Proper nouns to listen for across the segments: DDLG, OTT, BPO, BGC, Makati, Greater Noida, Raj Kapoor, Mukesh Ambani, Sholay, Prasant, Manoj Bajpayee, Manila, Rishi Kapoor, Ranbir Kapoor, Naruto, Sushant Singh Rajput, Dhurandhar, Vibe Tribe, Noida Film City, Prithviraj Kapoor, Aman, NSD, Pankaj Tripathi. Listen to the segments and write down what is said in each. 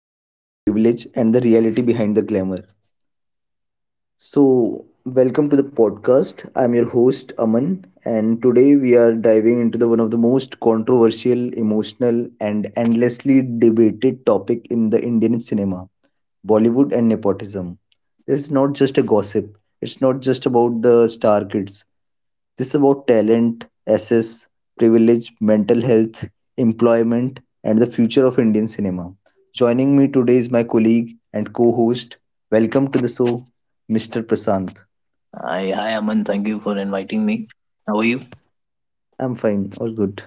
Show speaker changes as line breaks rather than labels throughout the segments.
Talent, Privilege, and the Reality Behind the Glamour. So welcome to the podcast. I'm your host Aman, and today we are diving into the one of the most controversial, emotional, and endlessly debated topic in the Indian cinema: Bollywood and nepotism. This is not just a gossip. It's not just about the star kids. This is about talent, access, privilege, mental health, employment, and the future of Indian cinema. Joining me today is my colleague and co-host. Welcome to the show, Mr. Prasant.
Hi, Aman. Thank you for inviting me. How are you?
I'm fine, all good.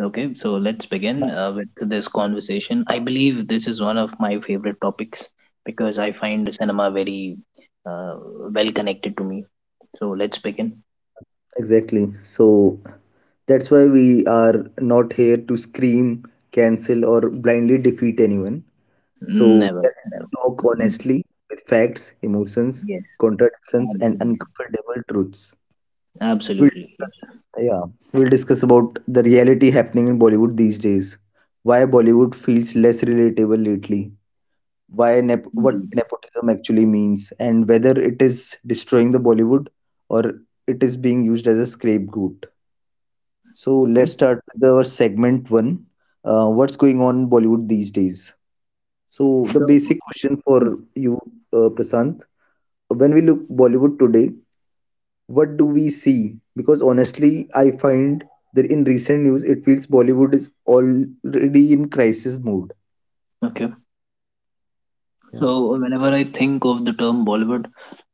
Okay, so let's begin
Now,
with this conversation. I believe this is
yeah,
one of my favorite topics because I find cinema very uh, well connected to me. So let's begin.
yeah, exactly. So that's why we are not here to scream, cancel, or blindly defeat anyone. So we
Never,
are here to
never.
talk
Mm,
honestly with facts, emotions,
Yes,
contradictions, and
absolutely.
uncomfortable truths. we'll
Absolutely.
discuss
Yes,
yeah we'll discuss about the reality happening in Bollywood these days, why Bollywood feels less relatable lately, what
indeed.
nepotism actually means and whether it is destroying the Bollywood or it is being used as a scapegoat. So
Okay.
let's start with our segment one. What's going on in Bollywood these days? So the
So,
basic question for
yeah.
you, Prasant: when we look Bollywood today, what do we see? Because honestly, I find that in recent news, it feels Bollywood is already in crisis mode.
Okay.
Yeah.
So whenever I think of the term Bollywood,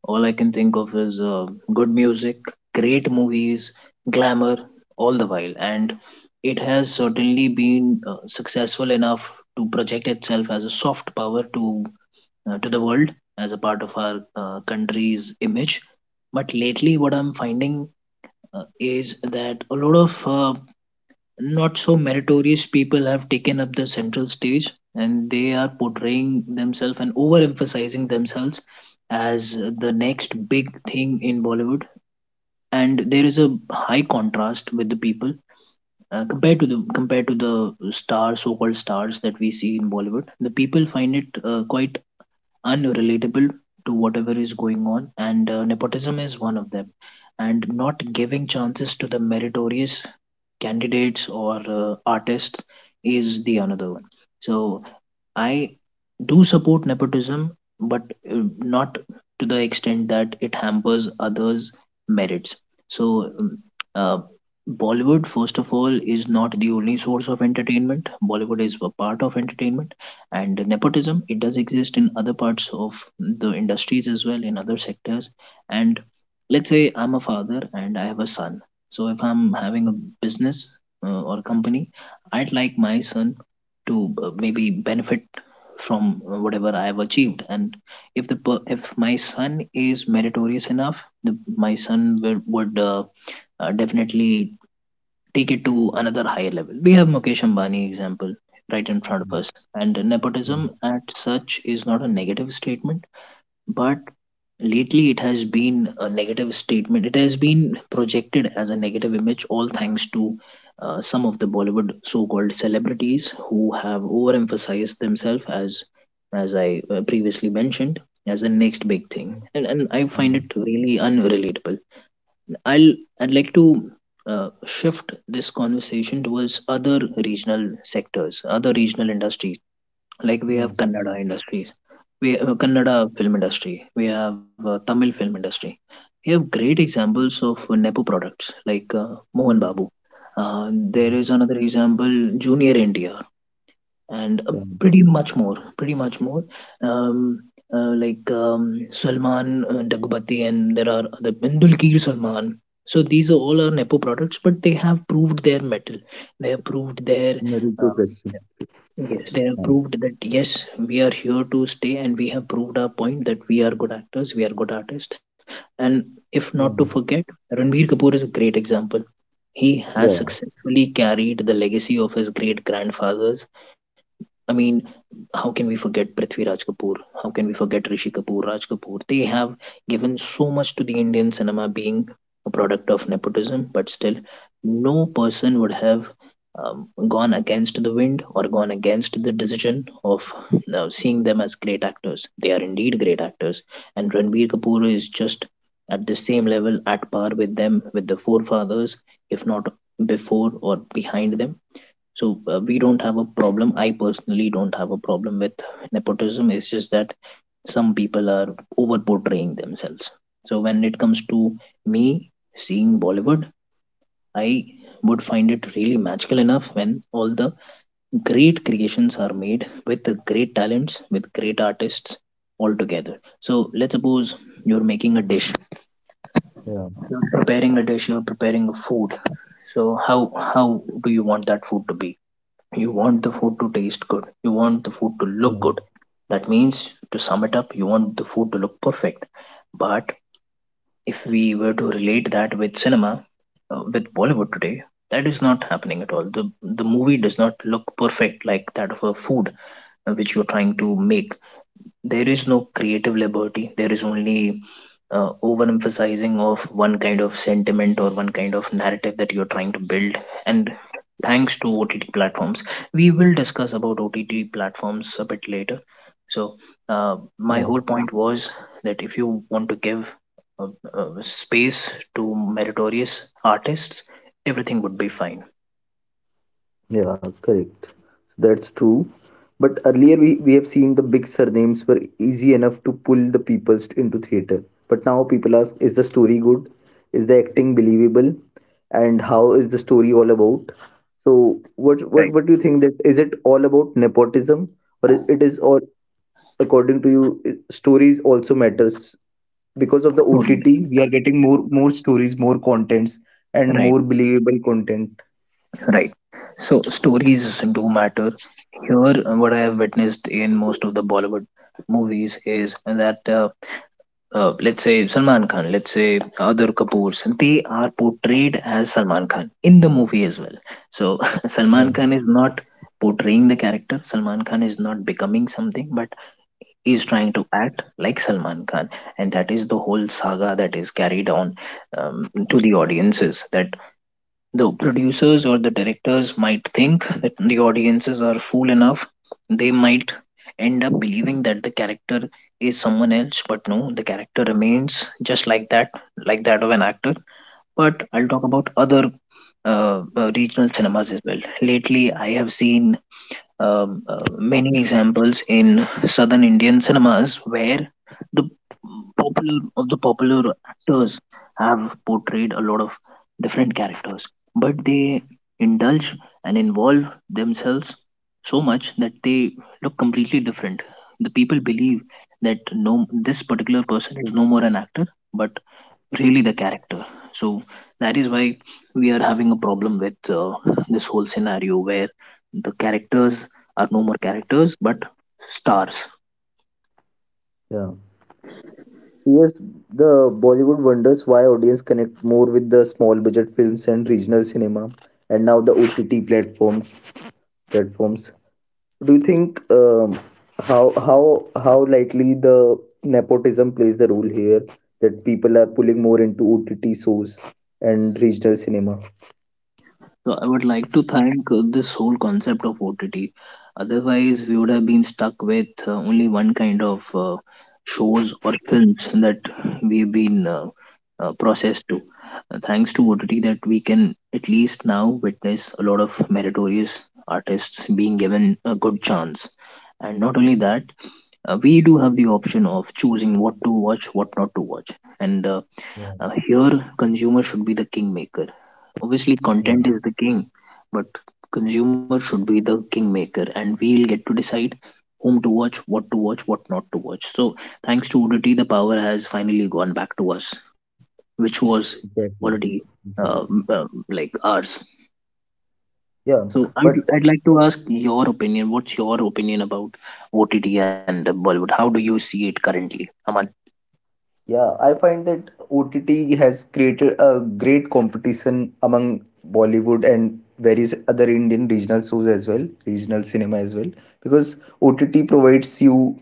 all I can think of is good music, great movies, glamour, all the while. And it has certainly been successful enough to project itself as a soft power to the world as a part of our country's image. But lately, what I'm finding is that a lot of not so meritorious people have taken up the central stage, and they are portraying themselves and overemphasizing themselves as the next big thing in Bollywood. And there is a high contrast with the people compared to the stars, so-called stars that we see in Bollywood. The people find it quite unrelatable to whatever is going on, and nepotism is one of them. And not giving chances to the meritorious candidates or artists is the another one. So I do support nepotism, but not to the extent that it hampers others' merits. So, uh, Bollywood, first of all, is not the only source of entertainment. Bollywood is a part of entertainment, and nepotism, it does exist in other parts of the industries as well, in other sectors. And let's say I'm a father and I have a son. So, if I'm having a business or company, I'd like my son to maybe benefit from whatever I have achieved. And if the per- if my son is meritorious enough, my son would definitely take it to another higher level. We have Mukesh Ambani example right in front of us, and nepotism at such is not a negative statement, but lately it has been a negative statement. It has been projected as a negative image, all thanks to some of the Bollywood so-called celebrities who have overemphasized themselves as I previously mentioned, as the next big thing. And I find it really unrelatable. i'll I'd like to shift this conversation towards other regional sectors, other regional industries. Like, we have Kannada industries, we Kannada film industry, we have Tamil film industry. We have great examples of nepo products like Mohan Babu, uh, there is another example, Junior India, and pretty much more, um, like, Salman Daggubati, and there are the Indulkir Salman. So these are all our nepo products, but they have proved their metal, they have proved their
Naruto.
um, yes, they have proved that, yes, we are here to stay, and we have proved our point that we are good actors, we are good artists. And if not to
Yeah,
forget, Ranbir Kapoor is a great example. He has
yeah,
successfully carried the legacy of his great grandfathers. I mean, how can we forget Prithviraj Kapoor? How can we forget Rishi Kapoor, Raj Kapoor? They have given so much to the Indian cinema, being a product of nepotism, but still, no person would have gone against the wind or gone against the decision of seeing them as great actors. They are indeed great actors, and Ranbir Kapoor is just at the same level, at par with them, with the forefathers, if not before or behind them. So we don't have a problem. I personally don't have a problem with nepotism. It's just that some people are over portraying themselves. So when it comes to me seeing Bollywood, I would find it really magical enough when all the great creations are made with the great talents, with great artists, all together. So let's suppose you're making a dish,
yeah,
you're preparing a dish, you're preparing a food. So how do you want that food to be? You want the food to taste good, you want the food to look good. That means, to sum it up, you want the food to look perfect. But if we were to relate that with cinema, with Bollywood today, that is not happening at all. The movie does not look perfect, like that of a food which you're trying to make. There is no creative liberty, there is only overemphasizing of one kind of sentiment or one kind of narrative that you're trying to build. And thanks to OTT platforms. We will discuss about OTT platforms a bit later. So, my
yeah.
whole point was that if you want to give uh, space to meritorious artists, everything would be fine.
Yeah, correct. So that's true. But earlier we have seen the big surnames were easy enough to pull the people into theater. But now people ask, is the story good? Is the acting believable? And how is the story all about? So what what
Right.
what do you think, that is it all about nepotism, or it is all, according to you, stories also matters, because of the
Story.
OTT we are getting more more stories, more contents and
Right.
more believable content.
Right. So stories do matter. Here, what I have witnessed in most of the Bollywood movies is that let's say Salman Khan, let's say other Kapoors, they are portrayed as Salman Khan in the movie as well. So Salman
Yeah.
Khan is not portraying the character, Salman Khan is not becoming something, but is trying to act like Salman Khan, and that is the whole saga that is carried on to the audiences. That the producers or the directors might think that the audiences are fool enough. They might end up believing that the character is someone else, but no, the character remains just like that of an actor. But I'll talk about other regional cinemas as well. Lately, I have seen many examples in southern Indian cinemas where the popular of the popular actors have portrayed a lot of different characters, but they indulge and involve themselves so much that they look completely different. The people believe that no, this particular person is no more an actor, but really the character. So that is why we are having a problem with this whole scenario where the characters are no more characters but stars.
Yeah. So, yes, the Bollywood wonders why audience connect more with the small budget films and regional cinema, and now the OTT platforms. Platforms. Do you think how how likely the nepotism plays the role here, that people are pulling more into OTT shows and regional cinema?
So I would like to thank this whole concept of OTT. Otherwise, we would have been stuck with only one kind of shows or films that we've been processed to. Thanks to OTT, that we can at least now witness a lot of meritorious artists being given a good chance. And not only that, we do have the option of choosing what to watch, what not to watch. And
Yeah,
here, consumer should be the kingmaker. Obviously, content
yeah,
is the king, but consumer should be the kingmaker, and we'll get to decide whom to watch, what not to watch. So, thanks to OTT, the power has finally gone back to us, which was
exactly,
already uh,
exactly.
m- uh, like ours.
Yeah,
So,
but
I'd like to ask your opinion. What's your opinion about OTT and Bollywood? How do you see it currently, Aman?
yeah, I find that OTT has created a great competition among Bollywood and various other Indian regional shows as well, regional cinema as well, because OTT provides you,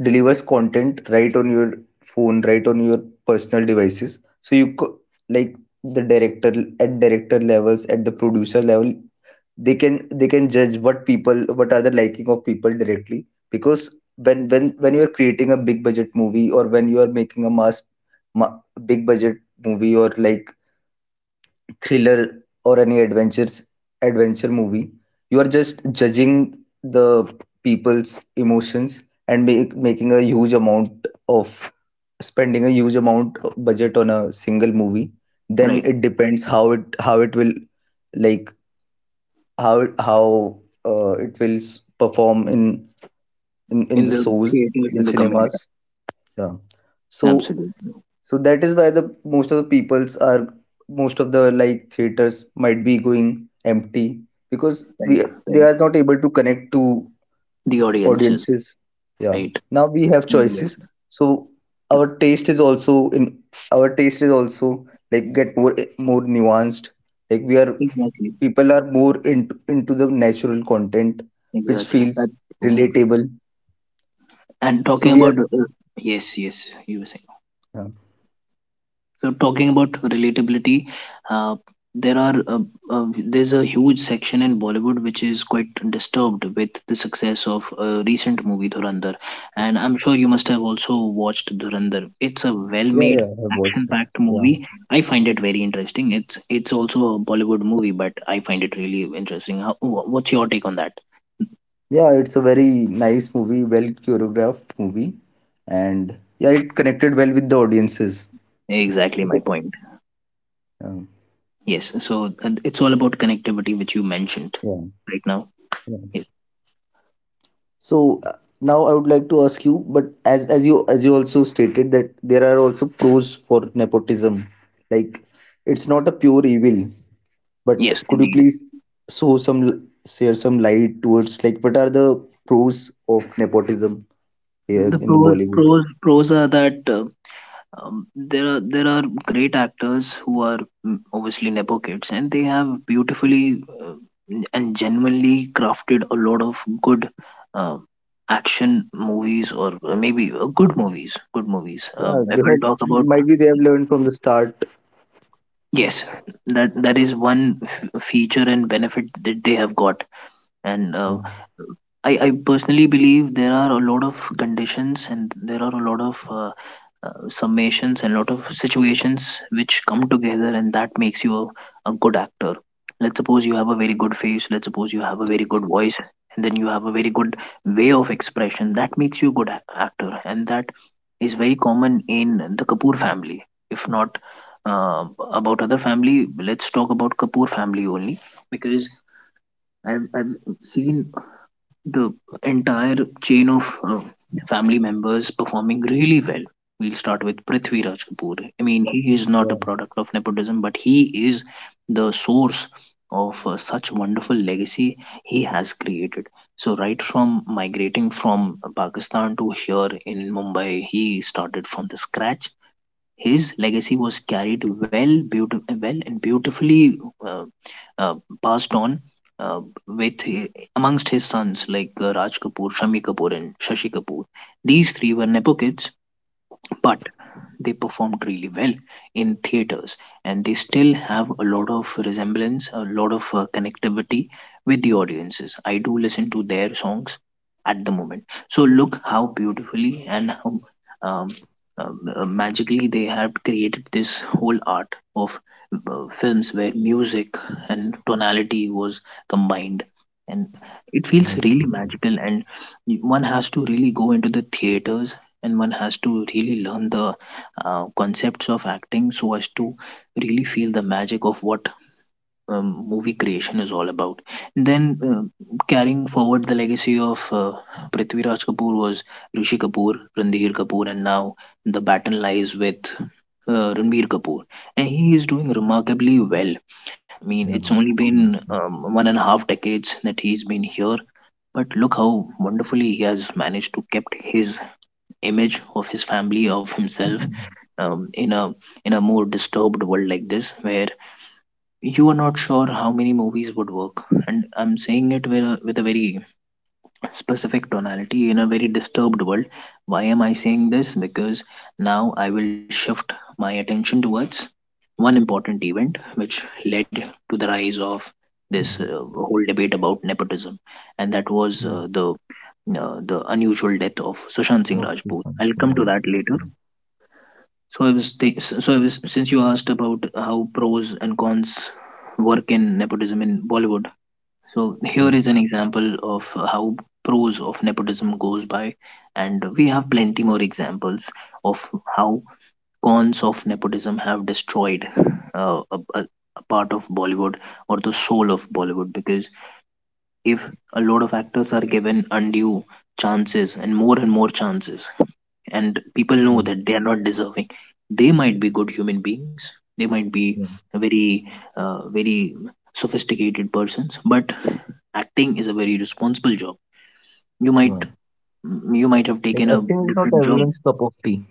delivers content right on your phone, right on your personal devices. So like the director at director levels, at the producer level, they can judge what people, what are the liking of people directly, because when you are creating a big budget movie, or when you are making a mass ma- big budget movie, or like thriller or any adventure movie, you are just judging the people's emotions and making a huge amount of, spending a huge amount of budget on a single movie, then
Right.
it depends how it will, like, how how it will perform in in
In
the
the
shows
theaters,
in the
in the
cinemas,
community.
yeah. So
Absolutely.
so that is why the most of the peoples are, most of the like theaters might be going empty because
Right.
we they
Right.
are not able to connect to
The audiences,
audiences. Yeah.
right?
Now we have
Very well.
choices. So our taste is also in our taste is also like get more more nuanced. Like we are
Exactly,
people are more into the natural content which
exactly.
feels
That's true.
relatable.
And
So
talking
we
about
are,
yes, yes, you were saying.
yeah,
So talking about relatability, uh, there are there's a huge section in Bollywood which is quite disturbed with the success of a recent movie Dhurandhar, and I'm sure you must have also watched Dhurandhar. It's a
yeah,
well-made,
yeah, I have watched it.
action-packed
Yeah.
movie. I find it very interesting. It's also a Bollywood movie, but I find it really interesting. How, what's your take on that?
Yeah, it's a very nice movie, well choreographed movie, and yeah, it connected well with the audiences.
Exactly my
Because,
point.
yeah,
Yes. So and it's all about connectivity, which you mentioned
yeah,
right now.
yeah.
Yes.
So uh, Now I would like to ask you, but as as you also stated that there are also pros for nepotism, like it's not a pure evil.
Yes,
But could you
indeed.
please show some l- share some light towards like what are the pros of nepotism here
The
in the
pros,
Bollywood?
pros, pros are that there are great actors who are, mm, obviously nepo kids, and they have beautifully and genuinely crafted a lot of good uh, action movies, or maybe good movies. Good movies.
Yeah,
If
they
we'll
have,
talk about,
might be they have learned from the start.
yes, that is one feature and benefit that they have got. And
Yeah,
I personally believe there are a lot of conditions and there are a lot of summations and a lot of situations which come together, and that makes you a good actor. Let's suppose you have a very good face, let's suppose you have a very good voice, and then you have a very good way of expression. That makes you a good actor, and that is very common in the Kapoor family. If not uh, about other family, let's talk about Kapoor family only, because I've seen the entire chain of family members performing really well. We'll start with Prithvi
yeah,
Raj Kapoor. I mean, he is not a product of nepotism, but he is the source of such wonderful legacy he has created. So, right from migrating from Pakistan to here in Mumbai, he started from the scratch. His legacy was carried well, well and beautifully uh, uh, passed on, with amongst his sons like Raj Kapoor, Shami Kapoor, and Shashi Kapoor. These three were nepo kids, but they performed really well in theaters, and they still have a lot of resemblance, a lot of connectivity with the audiences. I do listen to their songs at the moment. So look how beautifully and how um, magically they have created this whole art of films where music and tonality was combined, and it
yeah,
feels really
exactly.
magical. And one has to really go into the theaters, and one has to really learn the concepts of acting so as to really feel the magic of what movie creation is all about. And then uh, carrying forward the legacy of Prithvi Raj Kapoor was Rishi Kapoor, Ranbir Kapoor, and now the battle lies with Ranbir Kapoor, and he is doing remarkably well. I mean,
Yeah,
it's only been
yeah,
one and a half decades that he's been here, but look how wonderfully he has managed to kept his image, of his family, of himself, um, in a in a more disturbed world like this, where you are not sure how many movies would work. And I'm saying it with a very specific tonality in a very disturbed world. Why am I saying this? Because now I will shift my attention towards one important event which led to the rise of this whole debate about nepotism. And that was
yeah.
the unusual death of Sushant Singh
Most
Rajput.
systems,
I'll come
yeah,
to that later. So so I was, since you asked about how pros and cons work in nepotism in Bollywood. So here
yeah,
is an example of how pros of nepotism goes by, and we have plenty more examples of how cons of nepotism have destroyed a part of Bollywood or the soul of Bollywood. Because if a lot of actors are given undue chances, and more chances, and people
yeah,
know that they are not deserving, they might be good human beings, they might be
yeah.
very very sophisticated persons, but acting is a very responsible job. You might,
Wow.
you might have
Like
taken a
acting is not
different job.
everyone's cup of tea.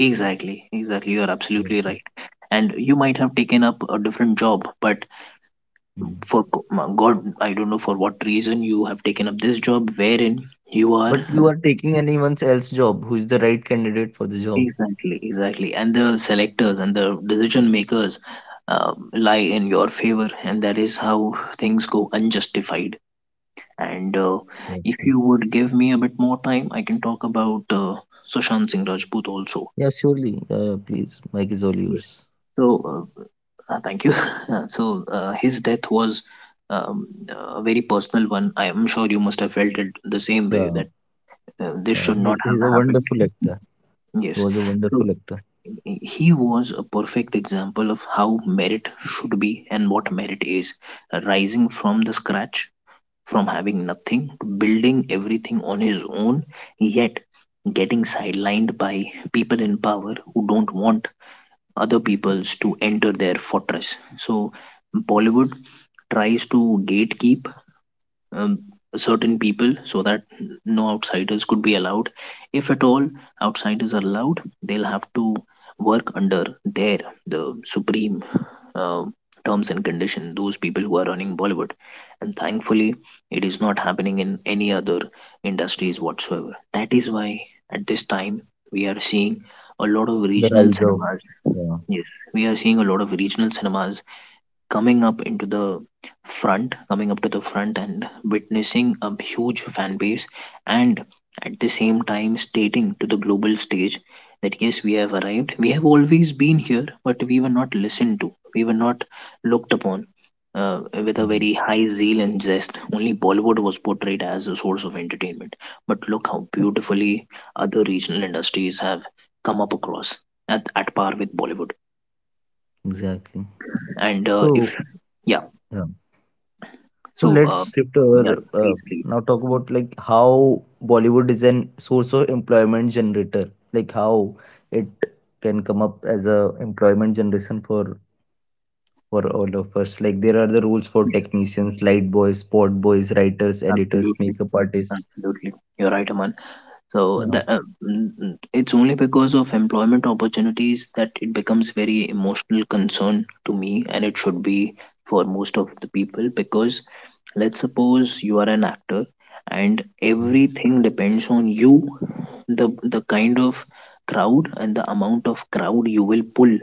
Exactly, exactly, you are
Yes,
absolutely
yes.
right. And you might have taken up a different job, but
Mm.
for god, I don't know for what reason you have taken up this job, wherein you are.
But you are taking anyone else's job who is the right candidate for the job.
Exactly, exactly. And the selectors and the decision makers lie in your favor, and that is how things go unjustified. And if
Exactly.
you would give me a bit more time, I can talk about Sushant Singh Rajput also.
Yeah, surely. Please, Mike is all
Yes.
yours.
So, thank you. So, his death was a very personal one. I am sure you must have felt it the same way
Yeah,
that this
yeah.
should
He,
not have
he's a
happened.
wonderful actor. He
Yes.
was a
So.
wonderful actor.
He was a perfect example of how merit should be and what merit is: rising from the scratch, from having nothing to building everything on his own, yet getting sidelined by people in power who don't want other peoples to enter their fortress. So, Bollywood tries to gatekeep um, certain people so that no outsiders could be allowed. If at all outsiders are allowed, they'll have to work under their, the supreme uh, terms and condition, those people who are running Bollywood. And thankfully, it is not happening in any other industries whatsoever. That is why at this time we are seeing a lot of
The
regional
rise of.
cinemas.
Yeah,
Yes, we are seeing a lot of regional cinemas coming up into the front, coming up to the front, and witnessing a huge fan base, and at the same time stating to the global stage that yes, we have arrived. We have always been here, but we were not listened to, we were not looked upon with a very
yeah.
high zeal and zest. Only Bollywood was portrayed as a source of entertainment. But look how beautifully other regional industries have come up across at par with Bollywood.
Exactly.
And if,
So,
yeah.
yeah. So
So,
let's shift
yeah,
over.
please, please,
Now talk about like how Bollywood is an source of employment generator. Like how it can come up as a employment generation for all of us. Like there are the rules for
yes,
technicians, light boys, sport boys, writers, editors,
absolutely,
makeup artists.
absolutely. You're right, Aman. So
Yeah,
that it's only because of employment opportunities that it becomes very emotional concern to me, and it should be for most of the people. Because let's suppose you are an actor, and everything depends on you, the kind of crowd and the amount of crowd you will pull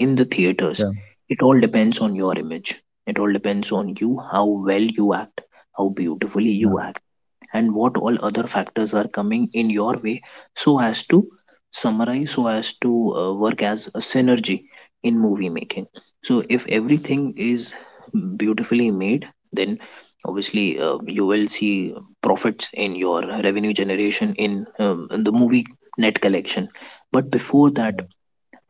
in the theaters.
yeah,
It all depends on your image. It all depends on you, how well you act, how beautifully
yeah,
you act, and what all other factors are coming in your way, so as to summarize, so as to work as a synergy in movie making. So if everything is beautifully made, then obviously you will see profits in your revenue generation in the movie net collection. But before that,
yeah,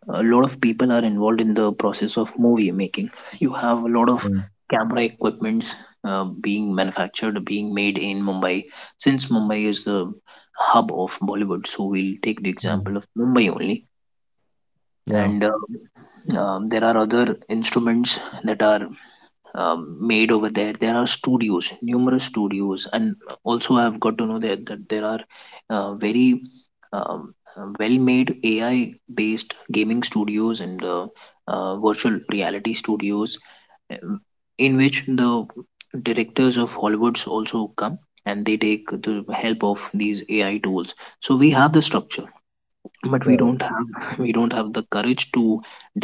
a lot of people are involved in the process of movie making. You have a lot of
yeah,
camera equipments being manufactured, being made in Mumbai. Since Mumbai is the hub of Bollywood, so we'll take the example of Mumbai only.
yeah, yeah,
And there are other instruments that are made over there. There are studios, numerous studios, and also I've got to know that, that there are very um, well-made AI-based gaming studios and virtual reality studios, um, in which the directors of Hollywoods also come, and they take the help of these AI tools. So we have the structure, but we
yeah,
don't have, we don't have the courage to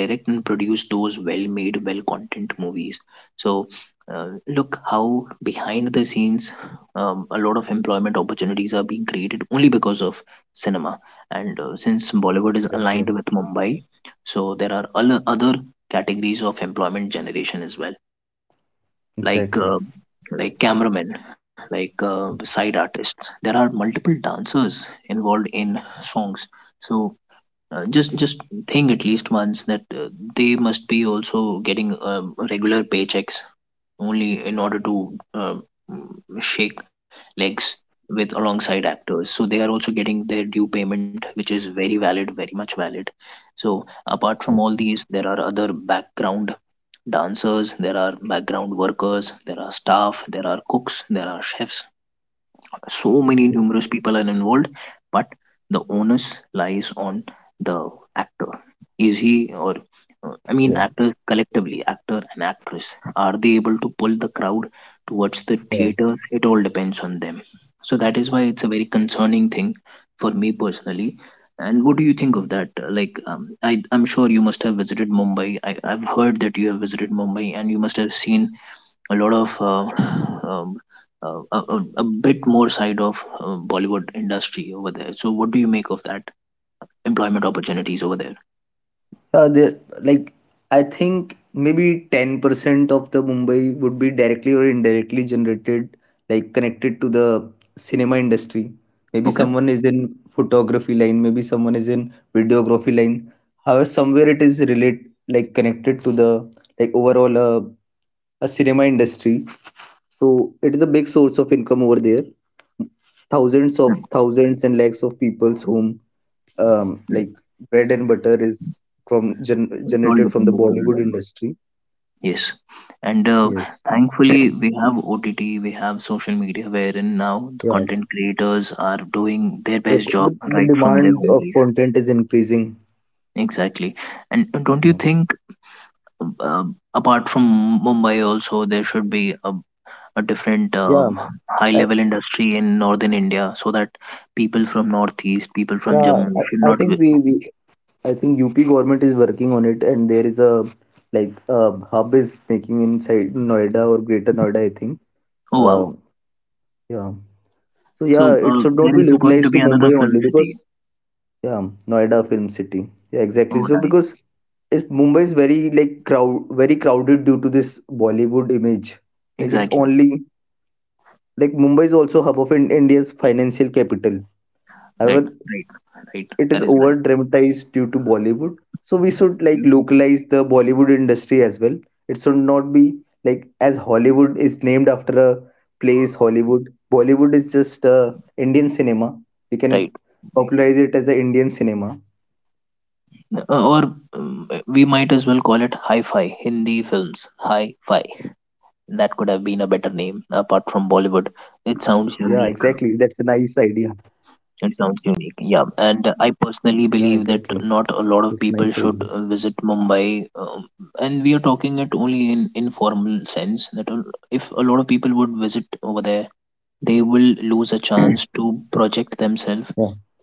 direct and produce those well-made, well-content movies. So look how behind the scenes a lot of employment opportunities are being created only because of cinema. And since Bollywood is aligned
exactly,
with Mumbai, so there are other categories of employment generation as well, like
exactly.
uh, like cameramen, like side artists. There are multiple dancers involved in songs. So just think at least once that they must be also getting regular paychecks only in order to um, shake legs with, alongside actors, so they are also getting their due payment, which is very valid, very much valid. So apart from all
Exactly.
these, there are other background dancers, there are background workers, there are staff, there are cooks, there are chefs. So many numerous people are involved, but the onus lies on the actor. Is he, or I mean
Yeah,
actors collectively, actor and actress, are they able to pull the crowd towards the
yeah.
theater? It all depends on them. So that is why it's a very concerning thing for me personally. And what do you think of that? Like, I'm sure you must have visited Mumbai. I've heard that you have visited Mumbai, and you must have seen a lot of um, a bit more side of Bollywood industry over there. So, what do you make of that employment opportunities over there?
There, like, I think maybe 10% of the Mumbai would be directly or indirectly generated, like connected to the cinema industry. Maybe
Okay.
someone is in photography line, maybe someone is in videography line. However, somewhere it is relate like connected to the like overall a cinema industry. So it is a big source of income over there. Thousands
Mm,
of thousands and lakhs of people's home,
mm.
like bread and butter is from gen
It all
generated from the
depends upon
Bollywood
them.
industry.
Yes, and
Yes.
thankfully we have OTT, we have social media, wherein now the
Yeah.
content creators are doing their best job
The
right from their
demand
home
of
place.
content is increasing.
Exactly, and don't you
Yeah.
think? Uh, Apart from Mumbai, also there should be a different
Yeah.
high
I,
level industry in northern India, so that people from northeast, people from
yeah,
Jammu should
I, I
not.
think
Wi-
we, we I think UP government is working on it and there is a like a hub is making inside Noida or Greater Noida, I think.
oh wow!
Um, yeah. So yeah,
So
it should not
there
be
is going to
localized
be
to
another
Mumbai only
film city.
because, yeah, Noida Film City. Yeah, exactly.
Oh
So
nice.
because it's, Mumbai is very like crowd, very crowded due to this Bollywood image. Like it's
Exactly.
only like Mumbai is also hub of in, India's financial capital.
Right.
However,
Right. Right.
it is
That is
over
right.
dramatized due to Bollywood. So we should like localize the Bollywood industry as well. It should not be like, as Hollywood is named after a place Hollywood. Bollywood is just Indian cinema. We can
Right.
popularize it as a Indian cinema.
Or we might as well call it hi-fi Hindi films. Hi-fi.
Yeah,
That could have been a
exactly.
better
That's a
name
nice
apart
idea.
from Bollywood. It sounds unique.
Yeah,
It
exactly.
sounds unique. Yeah.
That's a nice
And I
idea.
personally believe that not a lot of people should visit Mumbai. And we are talking it only in informal sense that a- if a lot of people would visit over there, they will lose a
Yeah,
chance to project themselves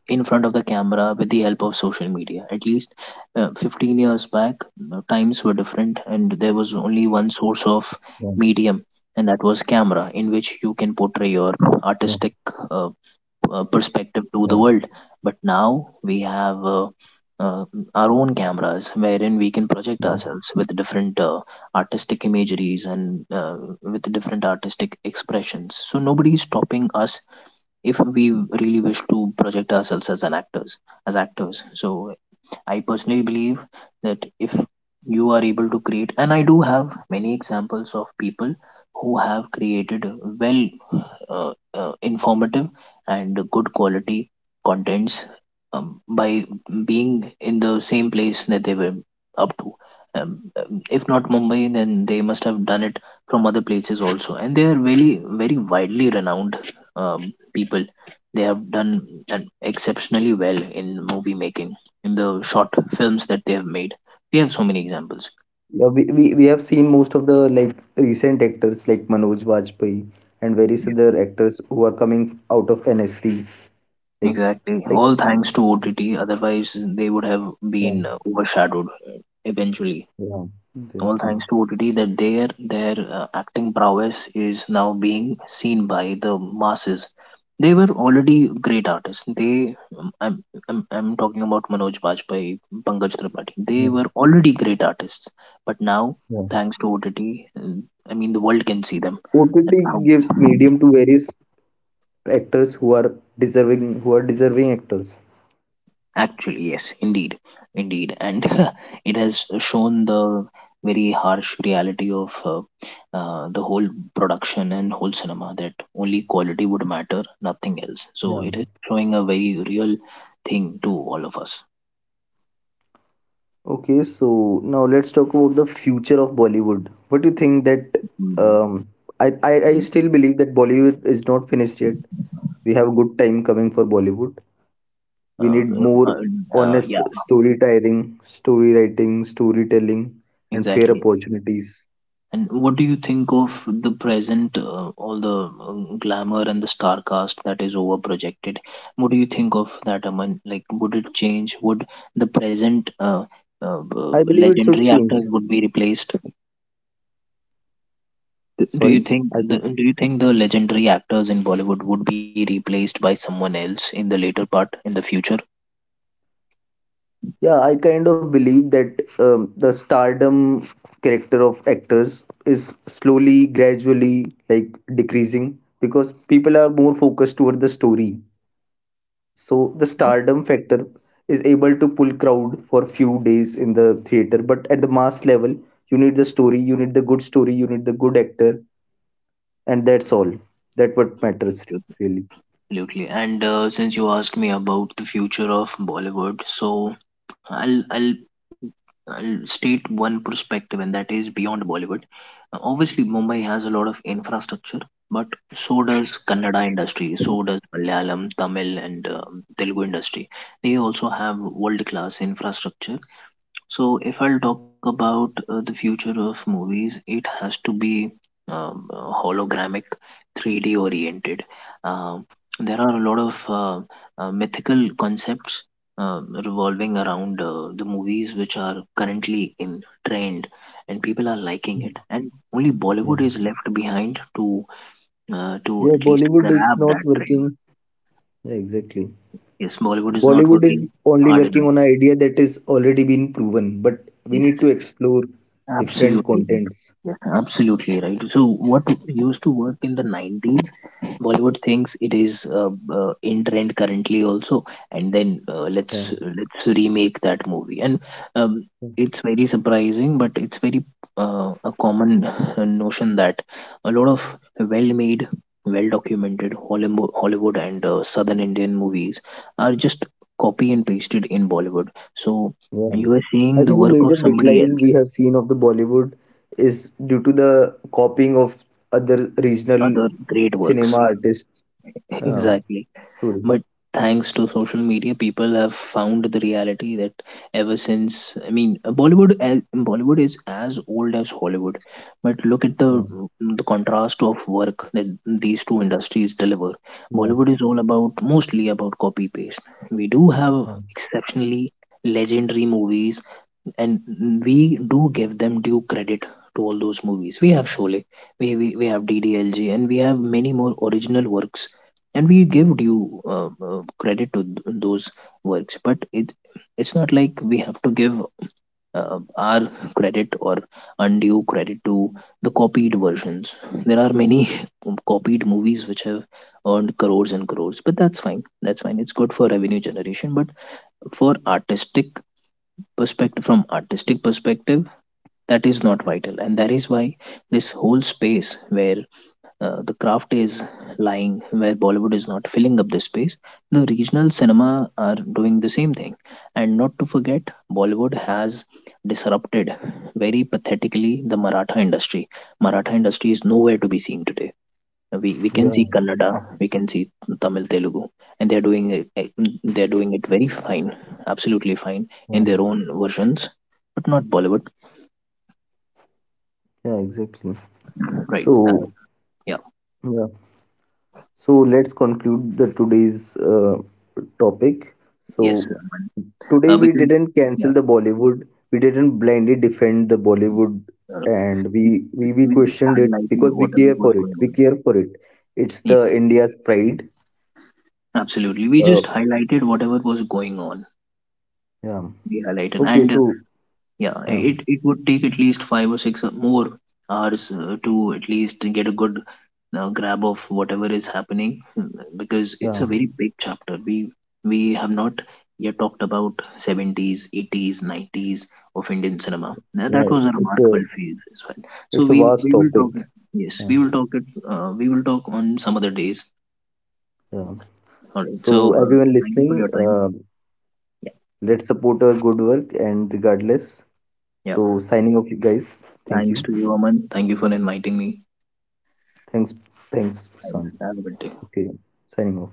in front of the camera with the help of social media. At least 15 years back, times were different, and there was only
yeah,
one source of medium. And that was camera, in which you can
yeah,
portray your artistic uh,
yeah,
perspective to the world. But now we have uh, our own cameras, wherein we can
yeah.
project ourselves with different artistic imageries and with different artistic expressions. So nobody is stopping us, if we really wish to project ourselves as an actors, as actors. So I personally believe that if you are able to create, and I do have many examples of people who have created well, uh, informative and good quality contents, by being in the same place that they were up to. If not Mumbai, then they must have done it from other places also. And they are really very widely renowned people. They have done exceptionally well in movie making in the short films that they have made. We have so many examples.
Yeah, we have seen most of the like recent actors like Manoj Bajpayee and various other actors who are coming out of NSD. Like,
Exactly.
like,
All thanks to OTT. Otherwise, they would have
yeah,
been overshadowed eventually.
yeah,
All
exactly.
thanks to OTT that their acting prowess is now being seen by the masses. They were already great artists. I'm talking about Manoj Bajpayee, Pankaj Tripathi. They
Yeah,
were already great artists, but now,
yeah.
thanks to OTT, uh, I mean, the world can see them. That how.
OTT gives medium to various actors who are deserving actors.
Actually, yes, indeed, indeed, and it has shown the very harsh reality of the whole production and whole cinema that only quality would matter, nothing else. So
Yeah.
it is showing a very real thing to all of us.
Okay, so now let's talk about the future of Bollywood. What do you think that
Mm,
um, I
mm,
still believe that Bollywood is not finished yet. We have a good time coming for Bollywood. We
Uh,
need more
uh,
honest
yeah,
storytelling, story writing, storytelling, and fair
exactly.
opportunities.
And what do you think of the present, all the glamour and the star cast that is over projected? What do you think of that, Aman? Like, would it change? Would the present
I believe it should
legendary
change.
actors would be replaced? Do you
Sorry,
think
I
the
could,
do you think the legendary actors in Bollywood would be replaced by someone else in the later part in the future?
yeah, I kind of believe that the stardom character of actors is slowly, gradually like decreasing because people are more focused toward the story. So the
Okay.
stardom factor is able to pull crowd for few days in the theater, but at the mass level, you need the story, you need the good story, you need the good actor, and that's all. That what matters really.
Absolutely. And since you asked me about the future of Bollywood, so I'll I'll I'll state one perspective, and that is beyond Bollywood. Obviously, Mumbai has a lot of infrastructure, but so does Kannada industry, so does Malayalam, Tamil, and Telugu industry. They also have world class infrastructure. So, if I'll talk about the future of movies, it has to be hologramic, 3D oriented. Um, there are a lot of mythical concepts revolving around the movies which are currently in trend, and people are liking
Hmm.
it. And only
Yeah.
Bollywood is left behind to
Yeah,
at least
Bollywood is
grab
not
that trend.
working. Yeah, exactly.
Yes, Bollywood is not
Bollywood is
working
only
hard
working
enough.
on an idea that is already been proven, but we need
Yes,
to explore different
absolutely.
contents.
Yes, absolutely right. So, what used to work in the 90s, Bollywood thinks it is in trend currently also, and then uh,
Yeah.
let's let's remake that movie. And um, it's very surprising, but it's very a common notion that a lot of well-made, well-documented Hollywood and Southern Indian movies are just copy and pasted in Bollywood. So
Yeah.
you are seeing
I
the
think the
work of
major
somebody
decline
else,
we have seen of the Bollywood is due to the copying of other regional
other great
cinema
works.
artists. Yeah,
Exactly.
truly.
But thanks to social media, people have found the reality that ever since, I mean, Bollywood is as old as Hollywood. But look at the
Yeah,
the contrast of work that these two industries deliver.
yeah,
Bollywood is all about mostly about copy paste. We do have
yeah,
exceptionally legendary movies, and we do give them due credit to all those movies. We have Sholay, we have DDLG, and we have many more original works, and we give due credit to those works. But it's not like we have to give our credit or undue credit to the copied versions. There are many copied movies which have earned crores and crores, but that's fine. That's fine. It's good for revenue generation, but for artistic perspective from artistic perspective that is not vital, and that is why this whole space where the craft is lying, where Bollywood is not filling up the space, the regional cinema are doing the same thing. And not to forget, Bollywood has disrupted very pathetically the Maratha industry. Maratha industry is nowhere to be seen today. We can
yeah,
see Kannada,
exactly.
we can see Tamil, Telugu, and they're doing it very fine, absolutely fine, in
Yeah,
their own versions, but not Bollywood.
yeah, exactly.
Right,
So,
yeah.
yeah. So let's conclude the today's topic.
Yes,
So
Raman.
today
Uh,
we
because
didn't
yeah,
cancel the Bollywood. We didn't blindly defend the Bollywood,
uh,
and we
we just
questioned it
highlighted
because we
whatever
care
was
for it.
going
We
on.
care for it. It's
Yeah,
the India's pride.
absolutely. We
Uh,
just highlighted whatever was going on.
yeah.
We highlighted,
Okay.
and
So
yeah,
yeah,
it would take at least 5 or 6 more hours to at least get a good grab of whatever is happening, because it's
yeah,
a very big chapter. We have not yet talked about 70s, 80s, 90s of Indian cinema. Now, that
yeah.
was a
It's a,
remarkable phase as well. So
it's a
we
vast
we will talk.
topic.
Yes,
Yeah,
we will talk it. We will talk on some other days.
yeah.
All right.
So
So
everyone
thank you
listening,
for your time. Yeah.
let's support our good work and regardless.
Yeah.
So signing off, you guys. Thank
Thanks
you.
to you, Aman. Thank you for inviting me.
Thanks, thanks,
Thanks.
Prashant.
Have a good day.
Okay, signing off.